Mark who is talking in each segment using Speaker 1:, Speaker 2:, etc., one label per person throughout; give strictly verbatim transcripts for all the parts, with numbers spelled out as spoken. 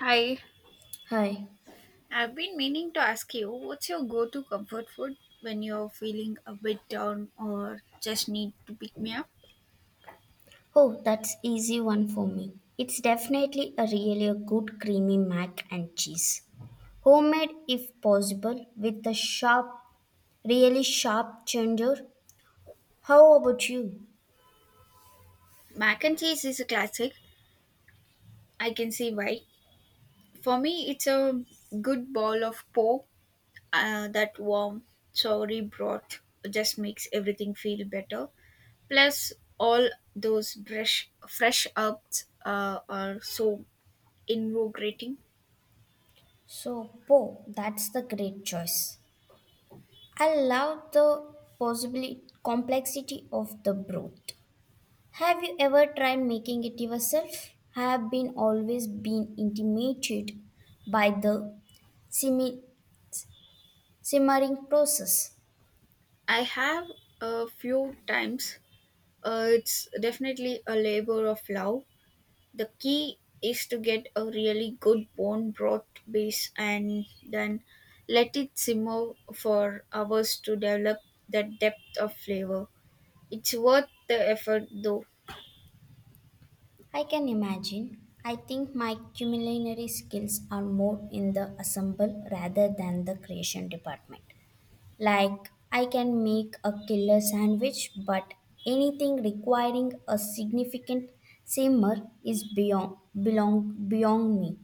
Speaker 1: Hi,
Speaker 2: Hi.
Speaker 1: I've been meaning to ask you, what's your go to comfort food when you're feeling a bit down or just need to pick me up?
Speaker 2: Oh, that's easy one for me. It's definitely a really a good creamy mac and cheese. Homemade if possible with a sharp, really sharp ginger. How about you?
Speaker 1: Mac and cheese is a classic. I can see why. For me, it's a good bowl of pork, uh, that warm, soury broth just makes everything feel better. Plus, all those fresh, fresh herbs uh, are so invigorating.
Speaker 2: So, po, that's the great choice. I love the possibility complexity of the broth. Have you ever tried making it yourself? I have been always been intimidated by the simmi- simmering process.
Speaker 1: I have, a few times. Uh, it's definitely a labor of love. The key is to get a really good bone broth base and then let it simmer for hours to develop the depth of flavor. It's worth the effort though.
Speaker 2: I can imagine. I think my culinary skills are more in the assemble rather than the creation department. Like, I can make a killer sandwich, but anything requiring a significant simmer is beyond belong beyond me.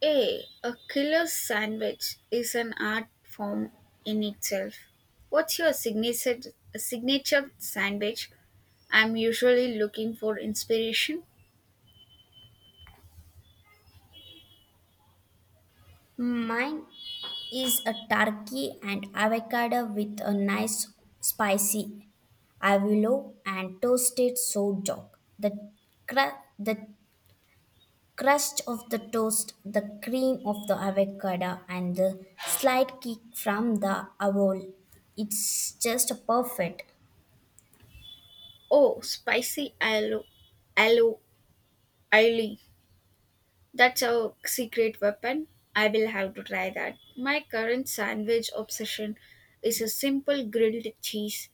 Speaker 1: Hey, a killer sandwich is an art form in itself. What's your signature signature sandwich? I'm usually looking for inspiration.
Speaker 2: Mine is a turkey and avocado with a nice spicy avilo and toasted sourdough. The cra- the crust of the toast, the cream of the avocado, and the slight kick from the avol. It's just perfect.
Speaker 1: Oh, spicy aloe, aloe Eileen, that's a secret weapon. I will have to try that. My current sandwich obsession is a simple grilled cheese,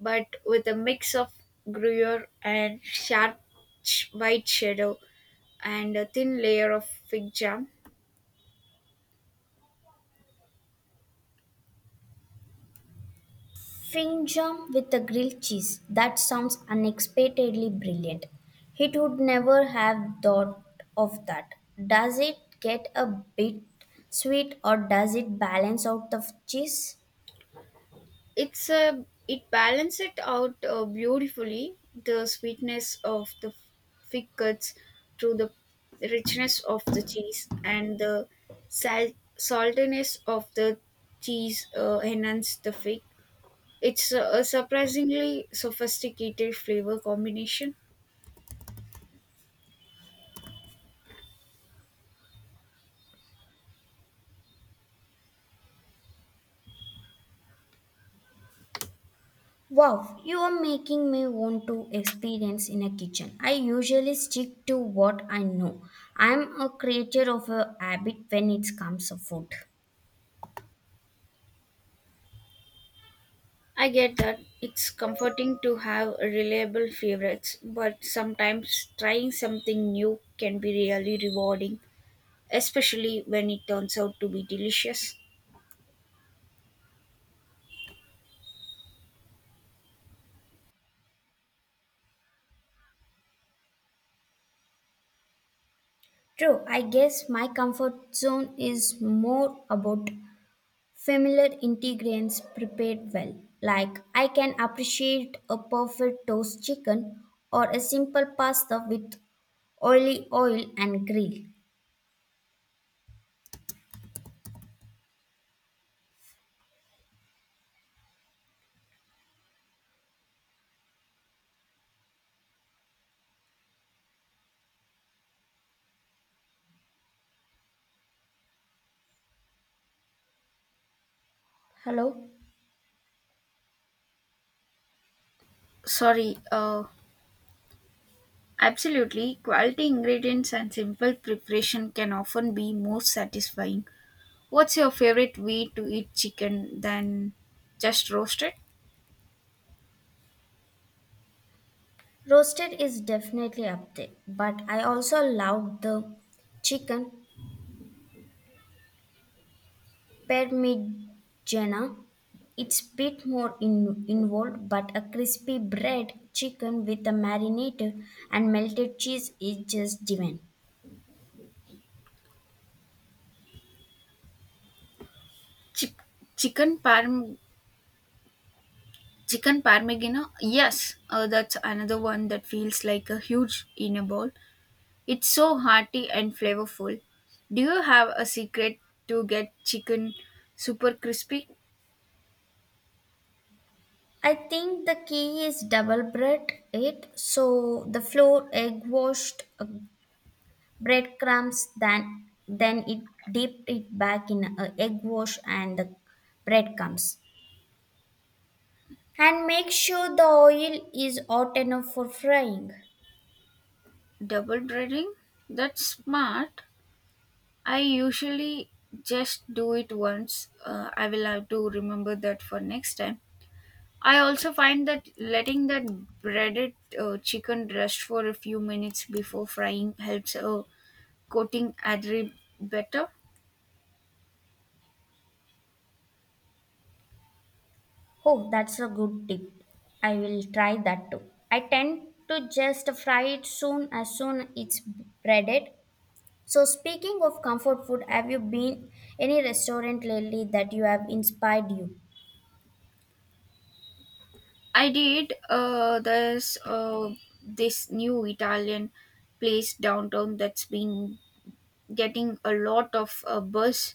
Speaker 1: but with a mix of gruyere and sharp sh- white cheddar and a thin layer of fig jam.
Speaker 2: Fring jam with the grilled cheese. That sounds unexpectedly brilliant. He would never have thought of that. Does it get a bit sweet or does it balance out the cheese?
Speaker 1: it's a it balances it out uh, beautifully. The sweetness of the fig cuts through the richness of the cheese, and the sal- saltiness of the cheese uh, enhance the fig. It's a, a surprisingly sophisticated flavor combination.
Speaker 2: Wow, you are making me want to experience in a kitchen. I usually stick to what I know. I'm a creature of a habit when it comes to food.
Speaker 1: I get that. It's comforting to have reliable favorites, but sometimes trying something new can be really rewarding, especially when it turns out to be delicious.
Speaker 2: True, I guess my comfort zone is more about familiar ingredients prepared well. Like I can appreciate a perfect toast chicken or a simple pasta with oily oil and grill. Hello?
Speaker 1: Sorry, uh, absolutely. Quality ingredients and simple preparation can often be more satisfying. What's your favorite way to eat chicken than just roast it?
Speaker 2: Roasted is definitely up there, but I also love the chicken parmigiana. It's bit more in, involved, but a crispy bread chicken with a marinated and melted cheese is just divine.
Speaker 1: Chi- Chicken parm, chicken parmigiana, yes, uh, that's another one that feels like a huge in a bowl. It's so hearty and flavorful. Do you have a secret to get chicken super crispy?
Speaker 2: I think the key is double bread it so the flour, egg washed uh, breadcrumbs, then then it dipped it back in uh, egg wash and the breadcrumbs. And make sure the oil is hot enough for frying.
Speaker 1: Double dreading? That's smart. I usually just do it once. Uh, I will have to remember that for next time. I also find that letting that breaded uh, chicken rest for a few minutes before frying helps uh, coating adri better.
Speaker 2: Oh, that's a good tip. I will try that too. I tend to just fry it soon as soon it's breaded. So speaking of comfort food, have you been any restaurant lately that you have inspired you?
Speaker 1: I did uh, this uh, this new Italian place downtown that's been getting a lot of uh, buzz.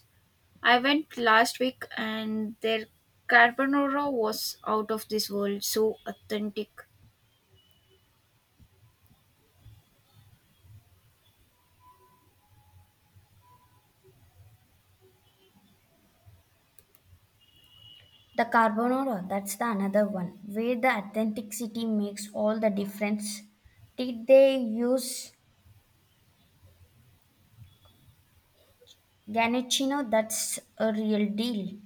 Speaker 1: I went last week and their carbonara was out of this world, so authentic.
Speaker 2: The carbonara, that's the another one where the authenticity makes all the difference. Did they use Ganachino? That's a real deal.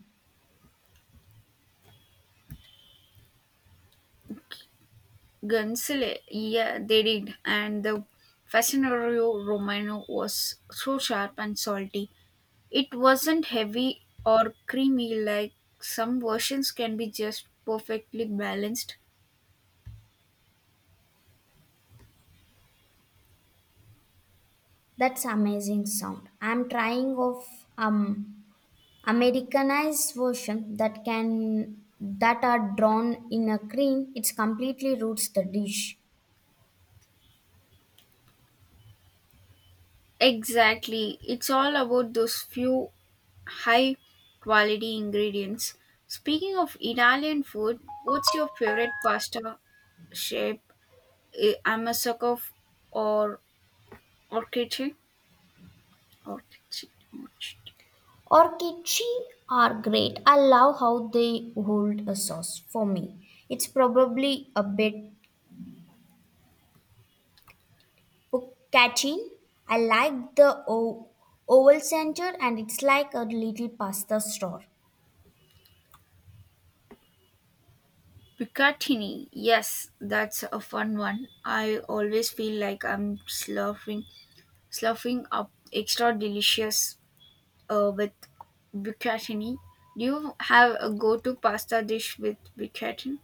Speaker 1: Gunsele, yeah, they did. And the fascinario romano was so sharp and salty. It wasn't heavy or creamy like some versions can be, just perfectly balanced.
Speaker 2: That's amazing sound. I'm trying of um Americanized version that can that are drawn in a cream. It's completely roots the dish.
Speaker 1: Exactly. It's all about those few high quality ingredients. Speaking of Italian food, what's your favorite pasta shape? Eh, I'm a sucker f- or orchidche? Orchidche. Orchidche.
Speaker 2: Orkichi are great. I love how they hold a sauce for me. It's probably a bit catching. I like the o- oval center and it's like a little pasta store.
Speaker 1: Bucatini. Yes, that's a fun one. I always feel like I'm slurping, slurping up extra delicious uh, with bucatini. Do you have a go-to pasta dish with bucatini?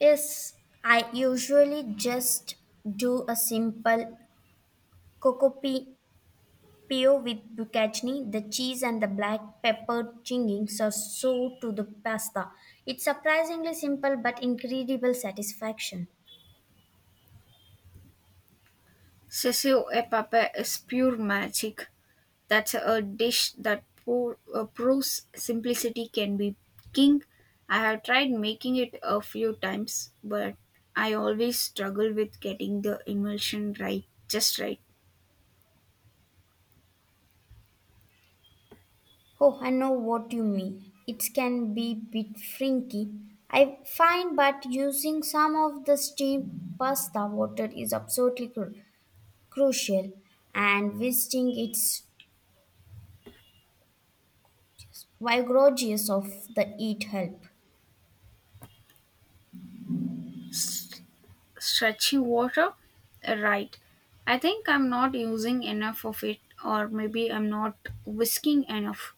Speaker 2: Yes, I usually just do a simple Cocopio with bucatini, the cheese and the black pepper chingings are so to the pasta. It's surprisingly simple but incredible satisfaction.
Speaker 1: Cecil e papa is pure magic. That's a dish that poor, uh, proves simplicity can be king. I have tried making it a few times, but I always struggle with getting the emulsion right, just right.
Speaker 2: Oh, I know what you mean. It can be bit frinky. I find but using some of the steamed pasta water is absolutely cru- crucial and visiting its vigorous of the eat help.
Speaker 1: S- Stretchy water, uh, right. I think I'm not using enough of it, or maybe I'm not whisking enough.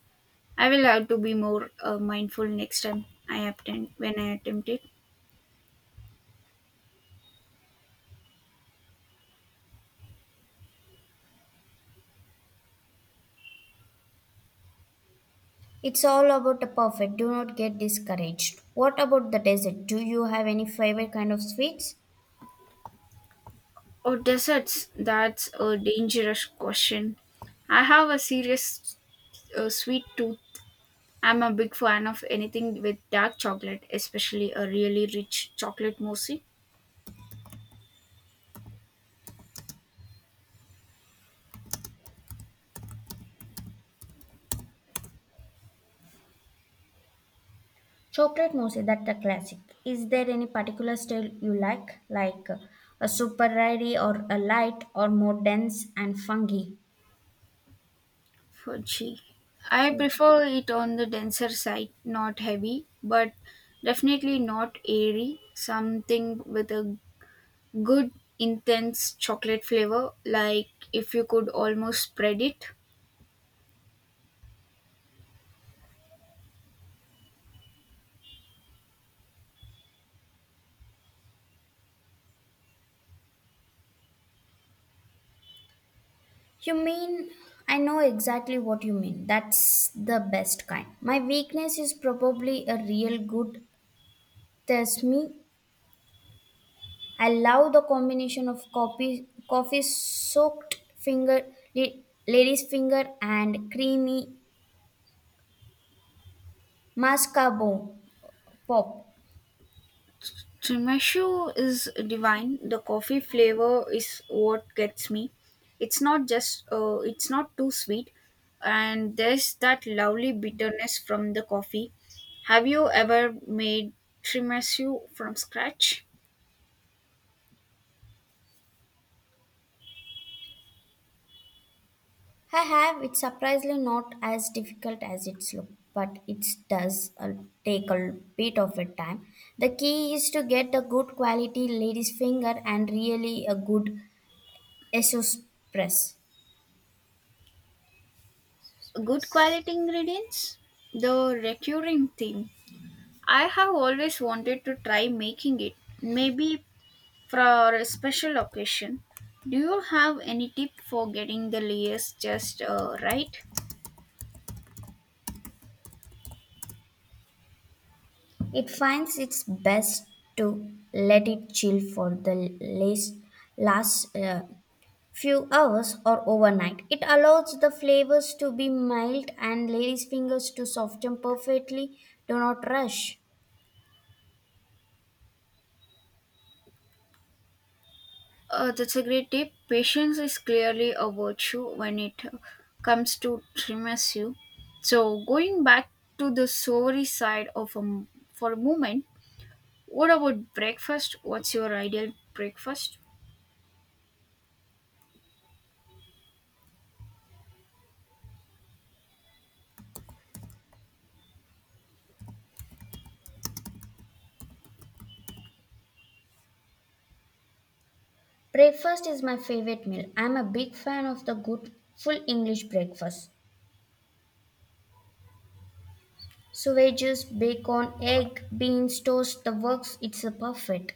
Speaker 1: I will have to be more uh, mindful next time I attempt, when I attempt it.
Speaker 2: It's all about the perfect. Do not get discouraged. What about the dessert? Do you have any favorite kind of sweets?
Speaker 1: Oh, desserts. That's a dangerous question. I have a serious uh, sweet tooth. I'm a big fan of anything with dark chocolate, especially a really rich chocolate mousse.
Speaker 2: Chocolate mousse, that's a classic. Is there any particular style you like, like uh, a super airy or a light or more dense and funky?
Speaker 1: Fudgy. I
Speaker 2: Fudge.
Speaker 1: prefer it on the denser side, not heavy, but definitely not airy. Something with a good, intense chocolate flavor, like if you could almost spread it.
Speaker 2: You mean I know exactly what you mean. That's the best kind. My weakness is probably a real good. There's me. I love the combination of coffee, coffee soaked finger, la- lady's finger, and creamy mascarpone pop.
Speaker 1: Tiramisu is divine. The coffee flavor is what gets me. It's not just, uh, it's not too sweet, and there's that lovely bitterness from the coffee. Have you ever made tiramisu from scratch?
Speaker 2: I have it's surprisingly not as difficult as it's look, but it does uh, take a bit of a time. The key is to get a good quality lady's finger and really a good espresso press.
Speaker 1: Good quality ingredients. The recurring theme. I have always wanted to try making it. Maybe for a special occasion. Do you have any tip for getting the layers just uh, right?
Speaker 2: It finds its best to let it chill for the last last uh, few hours or overnight. It allows the flavors to be mild and lady's fingers to soften perfectly. Do not rush.
Speaker 1: Uh, that's a great tip. Patience is clearly a virtue when it uh, comes to trimessu. So, going back to the savory side of a, m- for a moment, what about breakfast? What's your ideal breakfast?
Speaker 2: Breakfast is my favorite meal. I'm a big fan of the good full English breakfast. Sausages, bacon,
Speaker 1: God.
Speaker 2: egg, beans, toast, the works, it's a perfect.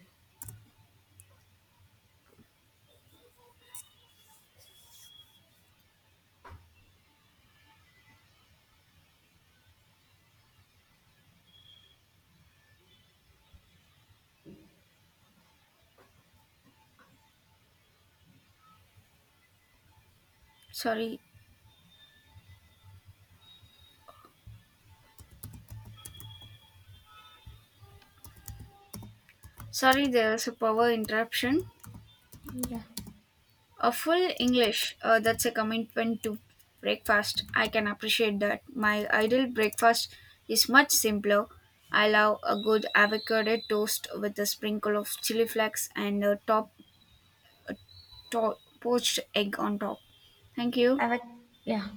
Speaker 1: Sorry, sorry, there's a power interruption.
Speaker 2: Yeah.
Speaker 1: A full English, uh, that's a commitment to breakfast. I can appreciate that. My ideal breakfast is much simpler. I love a good avocado toast with a sprinkle of chili flakes and a top, top poached egg on top. Thank you.
Speaker 2: Have a yeah.